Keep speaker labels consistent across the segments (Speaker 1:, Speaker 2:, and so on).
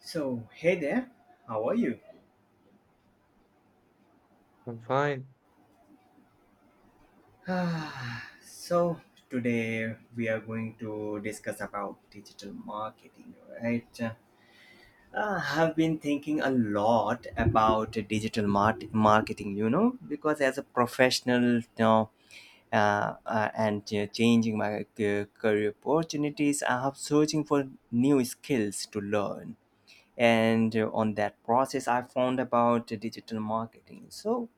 Speaker 1: So, hey there, how are you?
Speaker 2: I'm fine.
Speaker 1: Ah, so, Today we are going to discuss about digital marketing, right? I've been thinking a lot about digital marketing, because as a professional, you know, and changing my career opportunities, I have searching for new skills to learn. And on that process, I found about digital marketing. So,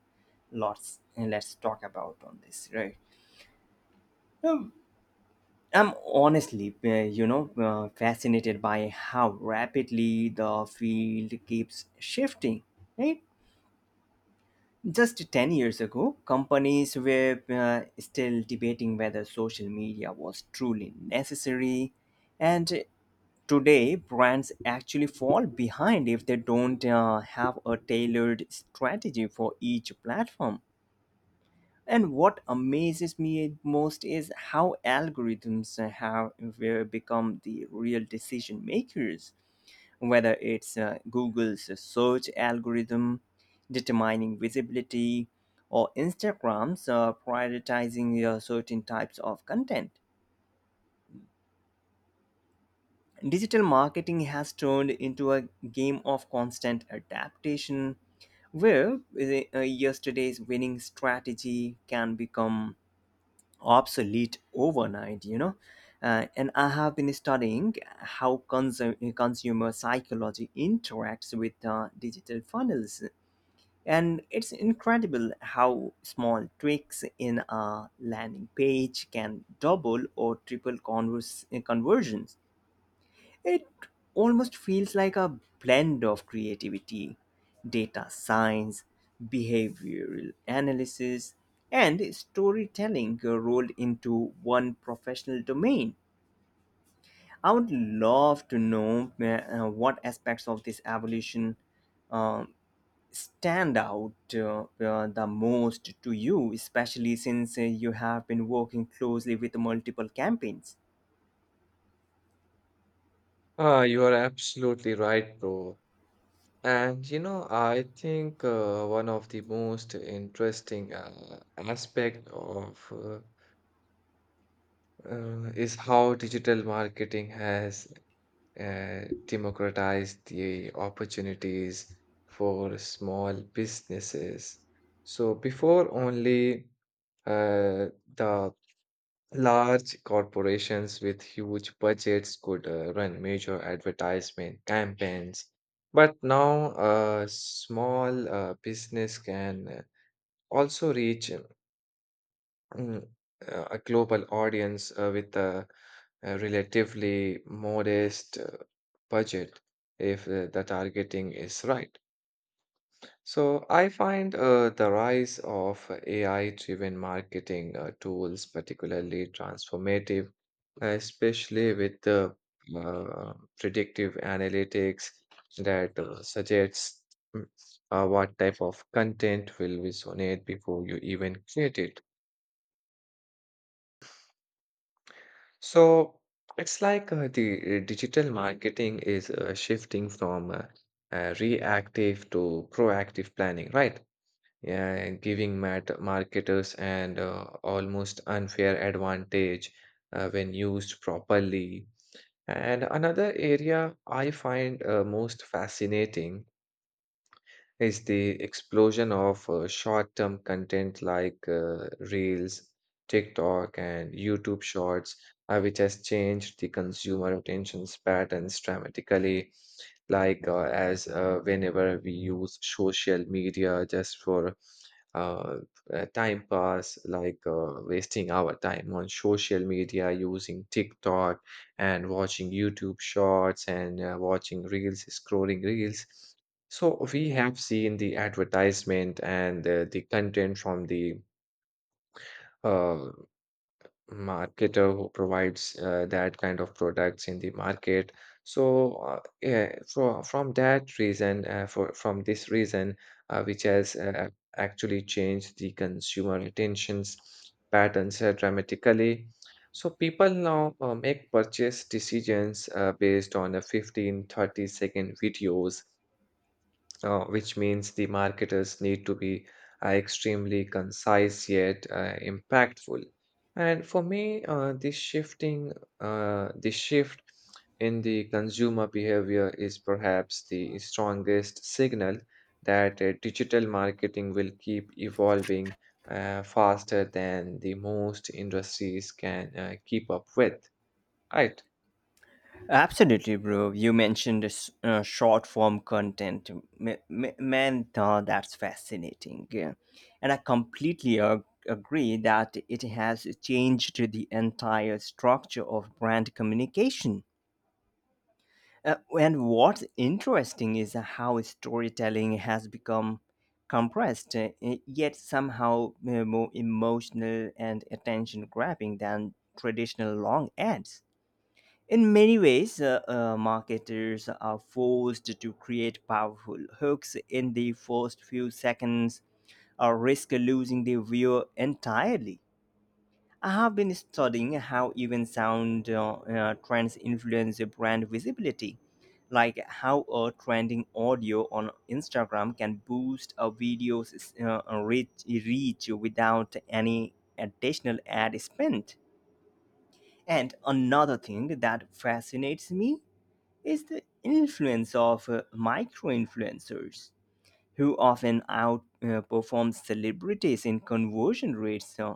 Speaker 1: lots And let's talk about on this, right? Um, I'm honestly fascinated by how rapidly the field keeps shifting, right? Just 10 years ago, companies were still debating whether social media was truly necessary, and today brands actually fall behind if they don't have a tailored strategy for each platform. And what amazes me most is how algorithms have will become the real decision makers, whether it's Google's search algorithm determining visibility or Instagram's prioritizing certain types of content. Digital marketing has turned into a game of constant adaptation where yesterday's winning strategy can become obsolete overnight. And I have been studying how consumer psychology interacts with digital funnels, and it's incredible how small tweaks in a landing page can double or triple conversions. It almost feels like a blend of creativity, data science, behavioral analysis, and storytelling rolled into one professional domain. I would love to know what aspects of this evolution um, stand out the most to you, especially since you have been working closely with multiple campaigns.
Speaker 2: Ah, you are absolutely right, bro. And you know, I think one of the most interesting aspect of is how digital marketing has democratized the opportunities for small businesses. So before only uh, the Large corporations with huge budgets could run major advertisement campaigns, but now small business can also reach mm, a global audience with a relatively modest budget if the targeting is right. So I find the rise of AI-driven marketing tools particularly transformative, especially with the uh, predictive analytics that suggests mm, what type of content will resonate before you even create it. So it's like the digital marketing is shifting from reactive to proactive planning, right? Yeah, giving marketers an almost unfair advantage when used properly. And another area I find most fascinating is the explosion of short-term content like Reels, TikTok, and YouTube Shorts, which has changed the consumer attention patterns dramatically. Like as whenever we use social media just for uh, time pass, like wasting our time on social media, using TikTok and watching YouTube shorts and watching reels, scrolling reels. So we have seen the advertisement and the content from the uh, marketer who provides that kind of products in the market. So yeah, for, from that reason, for from this reason, which has actually changed the consumer attentions patterns dramatically. So people now make purchase decisions based on a 15-30 second videos which means the marketers need to be extremely concise yet impactful. And for me, this shift in the consumer behavior is perhaps the strongest signal that digital marketing will keep evolving faster than the most industries can keep up with. Right.
Speaker 1: Absolutely, bro. You mentioned this, short form content. Man, that's fascinating. Yeah. And I completely agree that it has changed the entire structure of brand communication. And what's interesting is how storytelling has become compressed, yet somehow more emotional and attention grabbing than traditional long ads. In many ways, marketers are forced to create powerful hooks in the first few seconds or risk losing the viewer entirely. I have been studying how even sound trends influence brand visibility, like how a trending audio on Instagram can boost a video's reach without any additional ad spent. And another thing that fascinates me is the influence of micro influencers who often outperform celebrities in conversion rates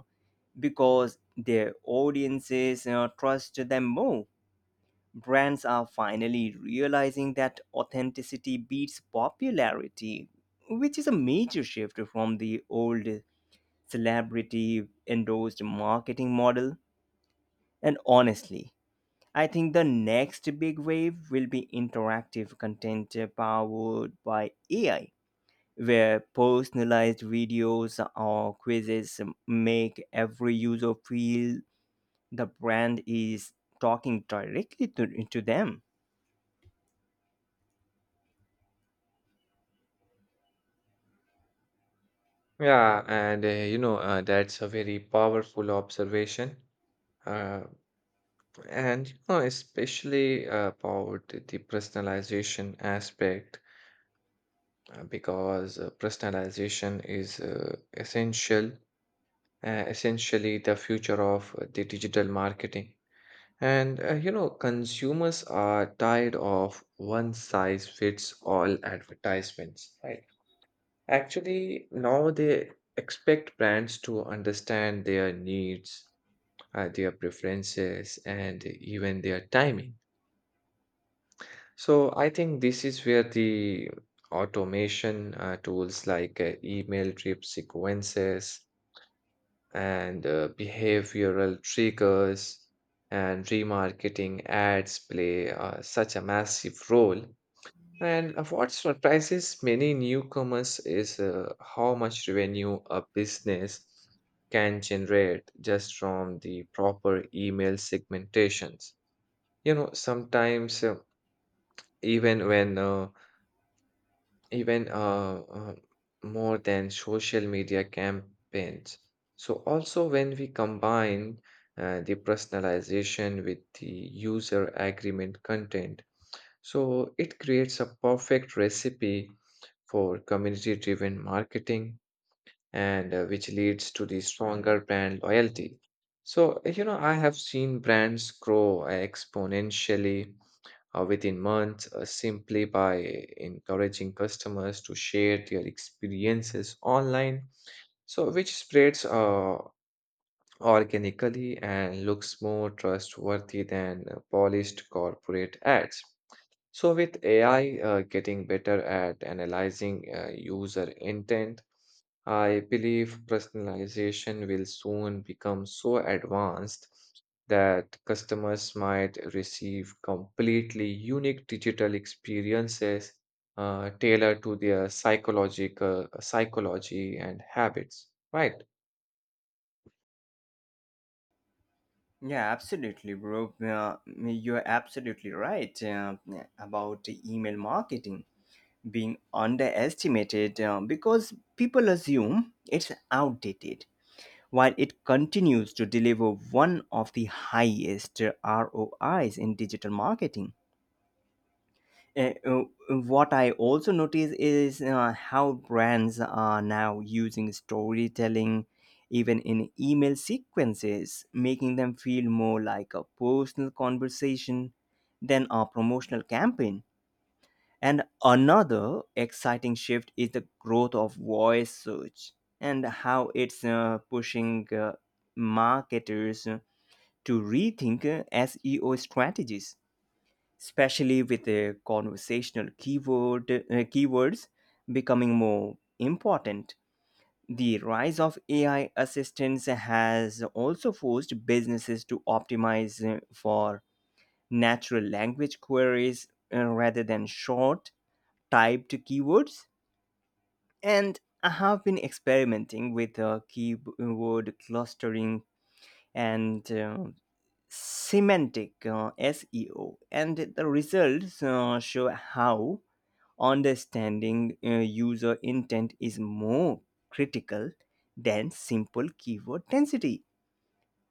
Speaker 1: because their audiences trust them more. Brands are finally realizing that authenticity beats popularity, which is a major shift from the old celebrity endorsed marketing model. And honestly, I think the next big wave will be interactive content powered by AI, where personalized videos or quizzes make every user feel the brand is talking directly to them.
Speaker 2: Yeah, and that's a very powerful observation. Uh, And you know, especially about the personalization aspect, because personalization is essentially the future of the digital marketing. And you know, consumers are tired of one size fits all advertisements, right? Actually, now they expect brands to understand their needs, their preferences, and even their timing. So I think this is where the automation tools like email drip sequences and behavioral triggers and remarketing ads play such a massive role. And what surprises many newcomers is how much revenue a business can generate just from the proper email segmentations. You know, sometimes even when even more than social media campaigns. So, also when we combine the personalization with the user agreement content, so it creates a perfect recipe for community driven marketing and which leads to the stronger brand loyalty. So, you know, I have seen brands grow exponentially within months simply by encouraging customers to share their experiences online, so which spreads organically and looks more trustworthy than polished corporate ads. So with AI getting better at analyzing user intent, I believe personalization will soon become so advanced that customers might receive completely unique digital experiences tailored to their psychological psychology and habits, right?
Speaker 1: Yeah, absolutely, bro. You're absolutely right about email marketing being underestimated because people assume it's outdated, while it continues to deliver one of the highest ROIs in digital marketing. Uh, uh, what I also notice is how brands are now using storytelling even in email sequences, making them feel more like a personal conversation than a promotional campaign. And another exciting shift is the growth of voice search and how it's pushing marketers to rethink SEO strategies, especially with the conversational keywords becoming more important. The rise of AI assistants has also forced businesses to optimize for natural language queries rather than short typed keywords. And I have been experimenting with keyword clustering and semantic SEO, and the results show how understanding user intent is more critical than simple keyword density.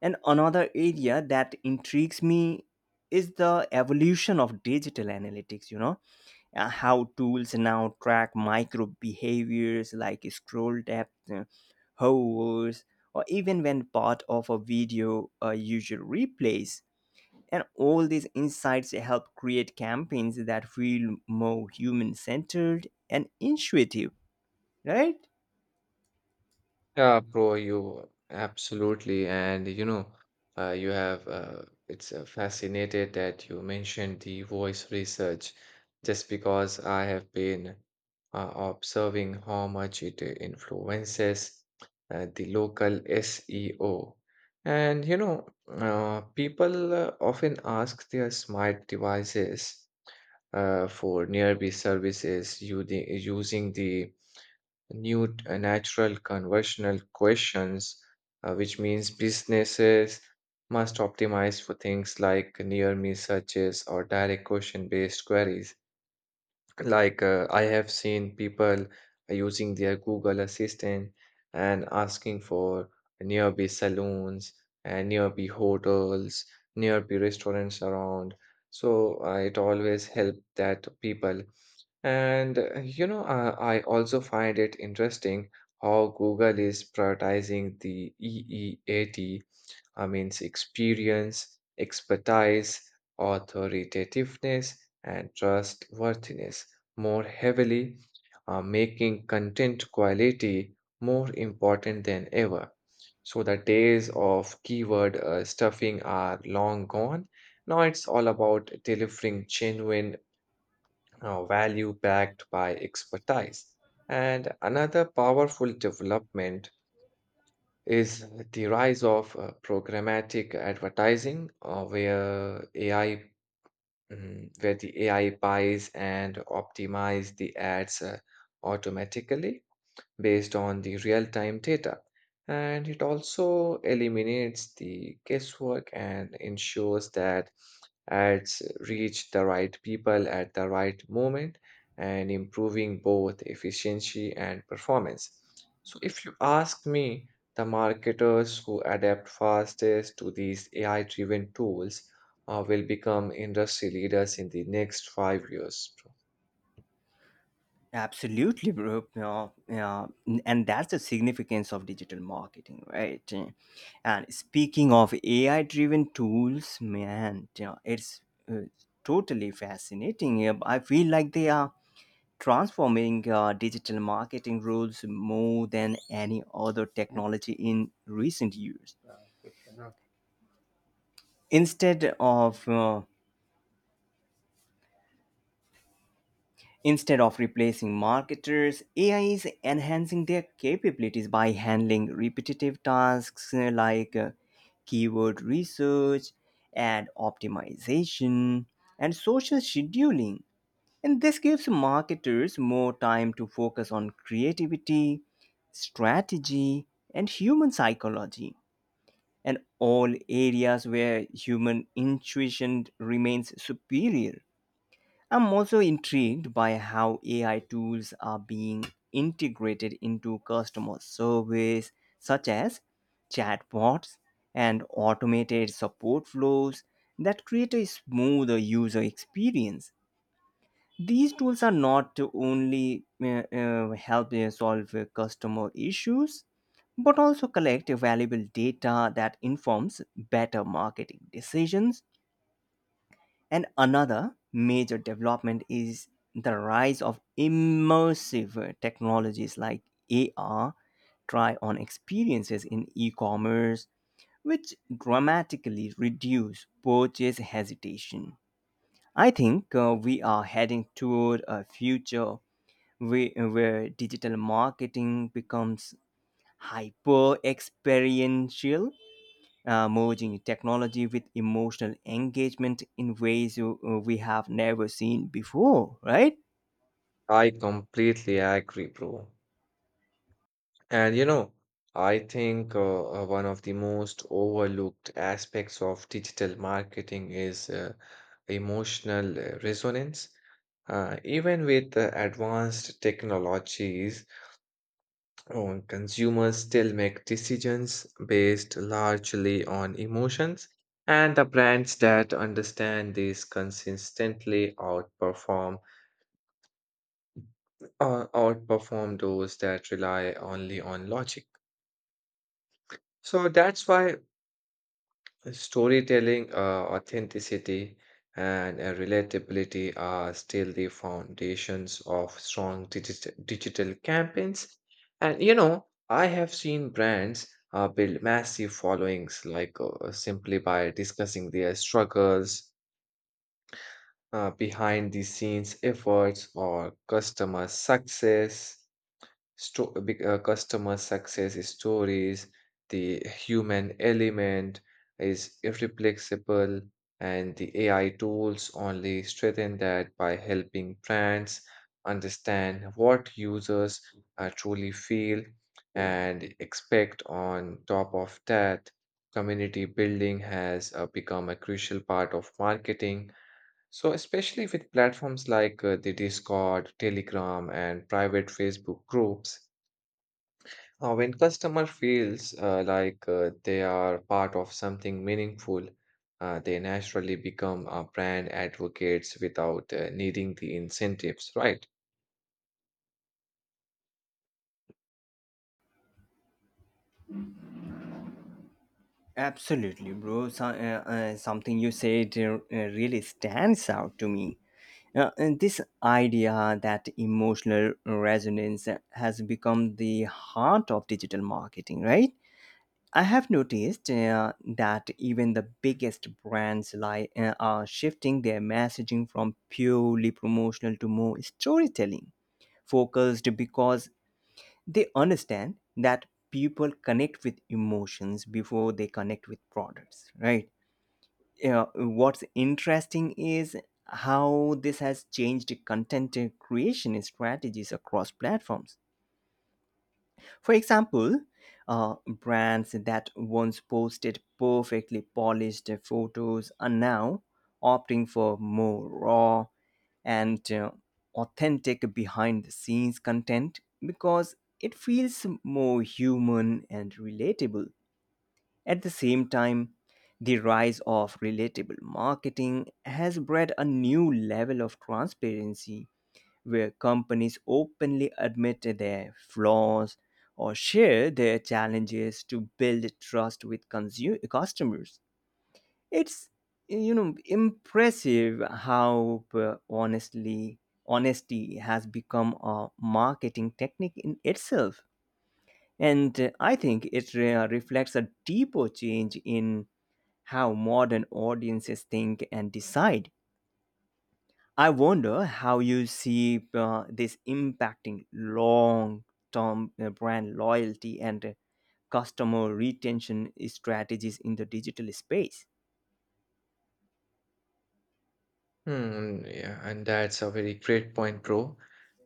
Speaker 1: And another area that intrigues me is the evolution of digital analytics, how tools now track micro behaviors like scroll depth, hovers, or even when part of a video a user replays. And all these insights help create campaigns that feel more human centered and intuitive, right?
Speaker 2: Yeah, bro, you absolutely. And you know, you have it's fascinated that you mentioned the voice research, just because I have been observing how much it influences the local SEO. And you know, people often ask their smart devices for nearby services using the new natural conversational questions, which means businesses must optimize for things like near me searches or direct question based queries. Like I have seen people using their Google Assistant and asking for nearby saloons and nearby hotels, nearby restaurants around. So it always helped that people. And I also find it interesting how Google is prioritizing the EEAT, I means experience, expertise, authoritativeness, and trustworthiness more heavily, making content quality more important than ever. So the days of keyword stuffing are long gone. Now it's all about delivering genuine value backed by expertise. And another powerful development is the rise of programmatic advertising, where the AI buys and optimizes the ads automatically based on the real-time data. And it also eliminates the guesswork and ensures that ads reach the right people at the right moment and improving both efficiency and performance. So, if you ask me, the marketers who adapt fastest to these AI driven tools will become industry leaders in the next 5 years, bro.
Speaker 1: Absolutely, bro. Yeah, yeah. And that's the significance of digital marketing, right? And speaking of AI driven tools, man, you know, it's uh, totally fascinating. Yeah, I feel like they are transforming digital marketing rules more than any other technology in recent years. Instead of uh, Instead of replacing marketers, AI is enhancing their capabilities by handling repetitive tasks like keyword research, ad optimization, and social scheduling. And this gives marketers more time to focus on creativity, strategy, and human psychology, and all areas where human intuition remains superior. I'm also intrigued by how AI tools are being integrated into customer service, such as chatbots and automated support flows that create a smoother user experience. These tools are not to only help solve customer issues, but also collect valuable data that informs better marketing decisions. And another major development is the rise of immersive technologies like AR, try on experiences in e commerce, which dramatically reduce purchase hesitation. I think we are heading toward a future where digital marketing becomes hyper experiential, merging technology with emotional engagement in ways we have never seen before, right?
Speaker 2: I completely agree, bro. And you know, I think one of the most overlooked aspects of digital marketing is emotional resonance. Even with advanced technologies, consumers still make decisions based largely on emotions, and the brands that understand this consistently outperform those that rely only on logic. So that's why Storytelling, authenticity, and relatability are still the foundations of strong digital campaigns. And you know, I have seen brands build massive followings like simply by discussing their struggles, behind the scenes efforts, or customer success stories. The human element is irreplaceable, and the AI tools only strengthen that by helping brands understand what users truly feel and expect. On top of that, community building has become a crucial part of marketing. So, especially with platforms like the Discord, Telegram, and private Facebook groups, when customer feels they are part of something meaningful, they naturally become brand advocates without needing the incentives, right?
Speaker 1: Absolutely, bro. So, something you said really stands out to me. And this idea that emotional resonance has become the heart of digital marketing, right? I have noticed that even the biggest brands are shifting their messaging from purely promotional to more storytelling focused because they understand that people connect with emotions before they connect with products, right? Yeah, what's interesting is how this has changed content creation strategies across platforms. For example, brands that once posted perfectly polished photos are now opting for more raw and authentic behind the scenes content because it feels more human and relatable. At the same time, the rise of relatable marketing has bred a new level of transparency where companies openly admit their flaws or share their challenges to build trust with consumer customers. It's, you know, impressive how honestly honesty has become a marketing technique in itself. And I think it reflects a deeper change in how modern audiences think and decide. I wonder how you see this impacting long term brand loyalty and customer retention strategies in the digital space.
Speaker 2: Hmm, yeah, and that's a very great point, bro.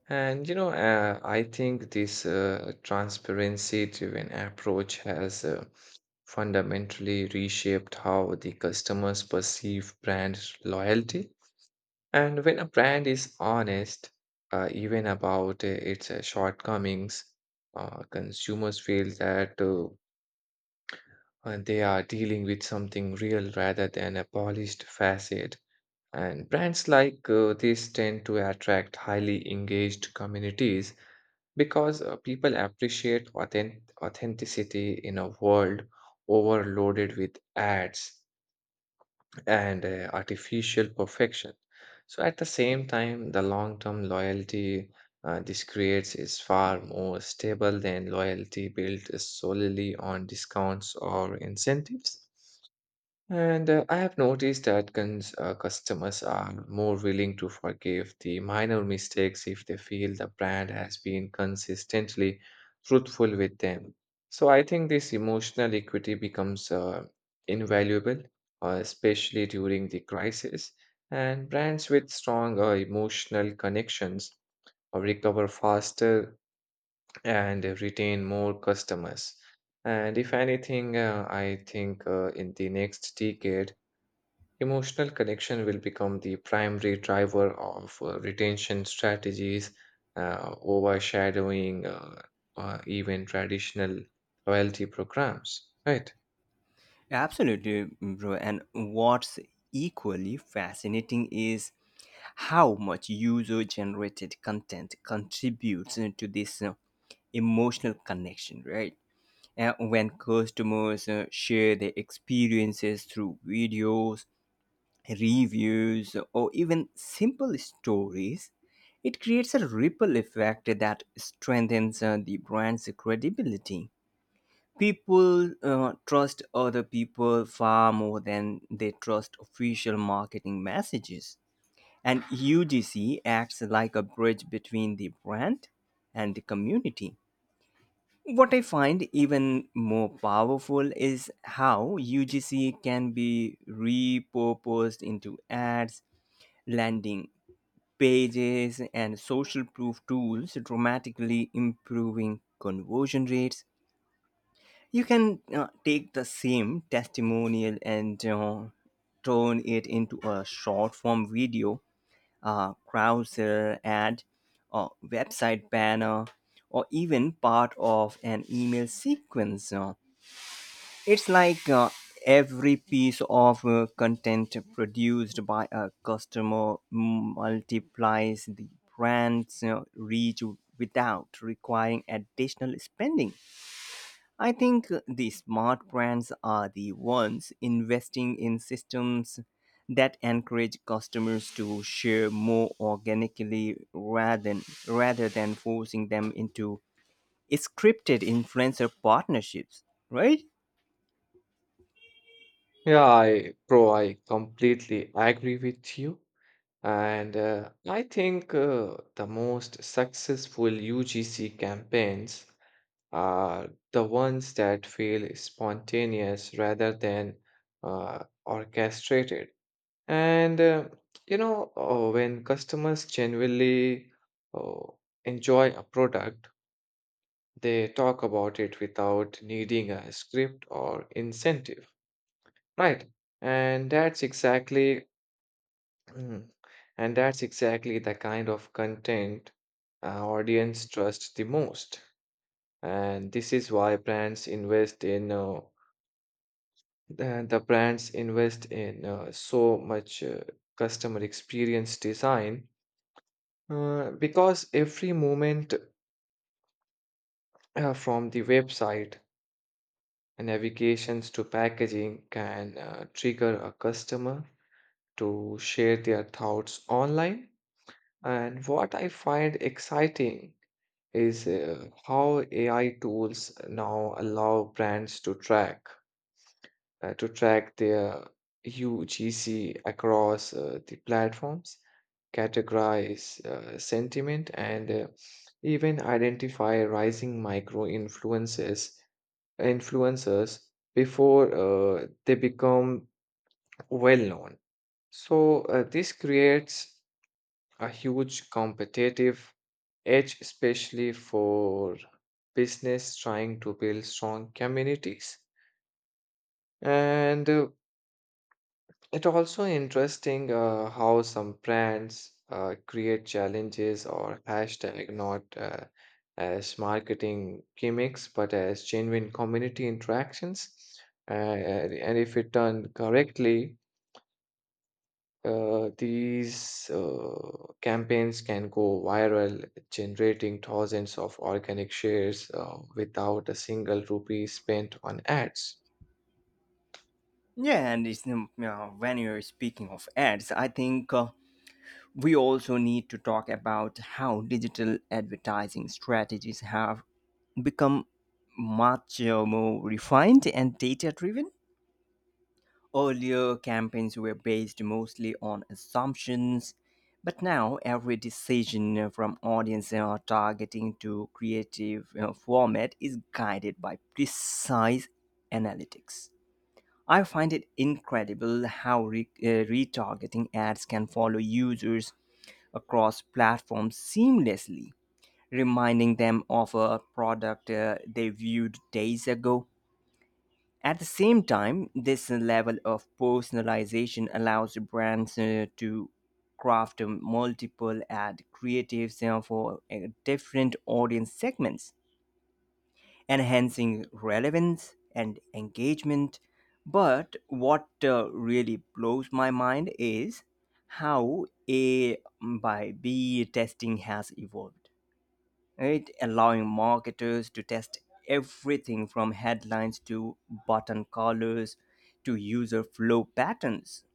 Speaker 2: And you know, I think this transparency-driven approach has fundamentally reshaped how the customers perceive brand loyalty. And when a brand is honest, even about its shortcomings, consumers feel that they are dealing with something real rather than a polished facade. And brands like this tend to attract highly engaged communities because people appreciate authenticity in a world overloaded with ads and artificial perfection. So, at the same time, the long term loyalty this creates is far more stable than loyalty built solely on discounts or incentives. And I have noticed that customers are more willing to forgive the minor mistakes if they feel the brand has been consistently truthful with them. So I think this emotional equity becomes invaluable, especially during the crisis. And brands with strong emotional connections recover faster and retain more customers. And if anything, I think in the next decade, Emotional connection will become the primary driver of retention strategies, overshadowing even traditional loyalty programs, right?
Speaker 1: Absolutely, bro. And what's equally fascinating is how much user generated content contributes to this emotional connection, right? When customers share their experiences through videos, reviews, or even simple stories, it creates a ripple effect that strengthens the brand's credibility. People trust other people far more than they trust official marketing messages. And UGC acts like a bridge between the brand and the community. What I find even more powerful is how UGC can be repurposed into ads, landing pages, and social proof tools, dramatically improving conversion rates. You can take the same testimonial and turn it into a short form video, browser ad, a website banner, or even part of an email sequence. It's like every piece of content produced by a customer multiplies the brand's reach without requiring additional spending. I think the smart brands are the ones investing in systems that encourage customers to share more organically rather than forcing them into scripted influencer partnerships, right?
Speaker 2: Yeah, bro, I completely agree with you. And I think the most successful UGC campaigns are the ones that feel spontaneous rather than orchestrated. And when customers genuinely uh, enjoy a product, they talk about it without needing a script or incentive, right? And that's exactly, and that's exactly the kind of content audience trusts the most. And this is why brands invest in so much customer experience design. Because every moment from the website, navigations to packaging can trigger a customer to share their thoughts online. And what I find exciting is how AI tools now allow brands to track their UGC across the platforms, categorize sentiment, and even identify rising micro influences influencers before they become well known. So this creates a huge competitive edge, especially for business trying to build strong communities. And It also interesting how some brands create challenges or hashtag not as marketing gimmicks but as genuine community interactions. And if it done correctly, these campaigns can go viral, generating thousands of organic shares without a single rupee spent on ads.
Speaker 1: Yeah, and when you're speaking of ads, I think we also need to talk about how digital advertising strategies have become much more refined and data driven. Earlier, campaigns were based mostly on assumptions, but now every decision from audience targeting to creative format is guided by precise analytics. I find it incredible how retargeting ads can follow users across platforms seamlessly, reminding them of a product they viewed days ago. At the same time, this level of personalization allows brands to craft multiple ad creatives for different audience segments, enhancing relevance and engagement. But what really blows my mind is how A by B testing has evolved, right? Allowing marketers to test everything from headlines to button colors to user flow patterns.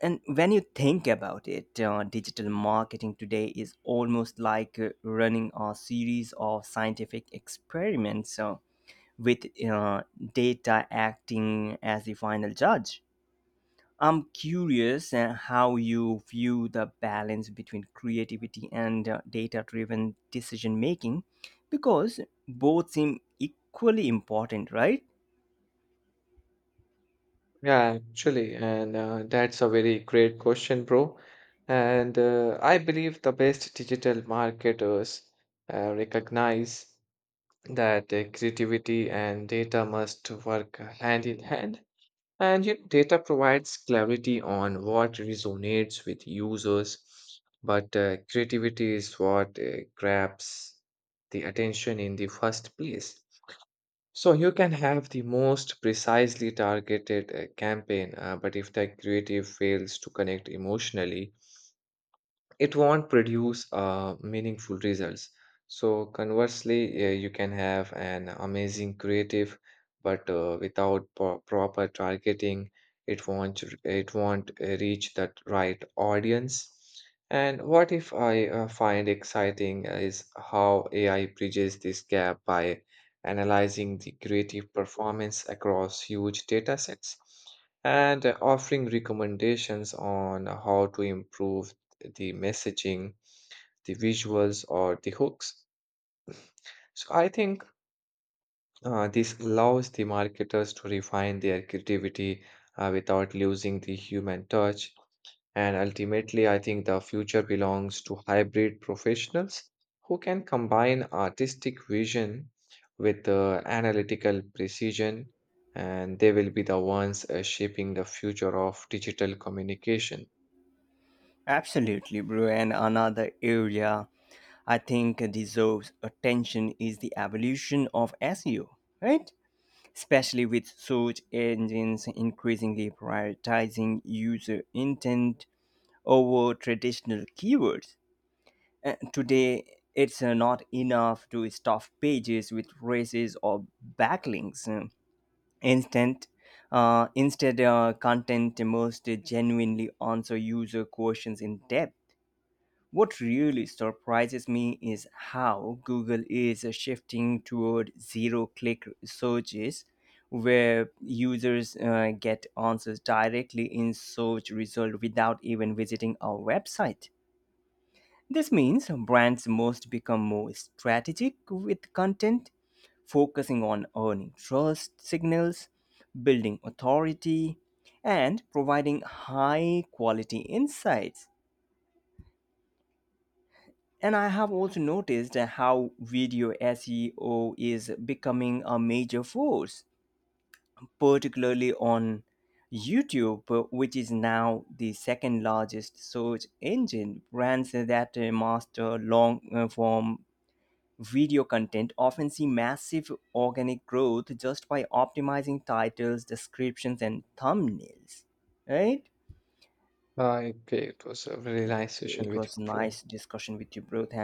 Speaker 1: And when you think about it, digital marketing today is almost like running a series of scientific experiments, so with data acting as the final judge. I'm curious how you view the balance between creativity and data driven decision making, because both seem equally important, right?
Speaker 2: Yeah, actually, and that's a very great question, bro. And I believe the best digital marketers recognize that creativity and data must work hand in hand. And you know, data provides clarity on what resonates with users, but creativity is what grabs the attention in the first place. So you can have the most precisely targeted campaign, but if the creative fails to connect emotionally, it won't produce meaningful results. So, conversely, you can have an amazing creative, but without proper targeting, it won't reach that right audience. And what if I find exciting is how AI bridges this gap by analyzing the creative performance across huge data sets and offering recommendations on how to improve the messaging, the visuals, or the hooks. So I think this allows the marketers to refine their creativity without losing the human touch. And ultimately, I think the future belongs to hybrid professionals who can combine artistic vision with analytical precision, and they will be the ones shaping the future of digital communication.
Speaker 1: Absolutely, bro. And another area I think deserves attention is the evolution of SEO, right? Especially with search engines increasingly prioritizing user intent over traditional keywords. Today, it's not enough to stuff pages with races or backlinks. Instant, instead, content must genuinely answer user questions in depth. What really surprises me is how Google is shifting toward zero click searches where users get answers directly in search result without even visiting our website. This means brands must become more strategic with content, focusing on earning trust signals, building authority, and providing high quality insights. And I have also noticed how video SEO is becoming a major force, particularly on YouTube, which is now the second largest search engine. Brands that master long form video content often see massive organic growth just by optimizing titles, descriptions, and thumbnails, right?
Speaker 2: Okay, it was a very nice session
Speaker 1: It
Speaker 2: with
Speaker 1: was
Speaker 2: you, bro.
Speaker 1: nice discussion with you, bro. Thank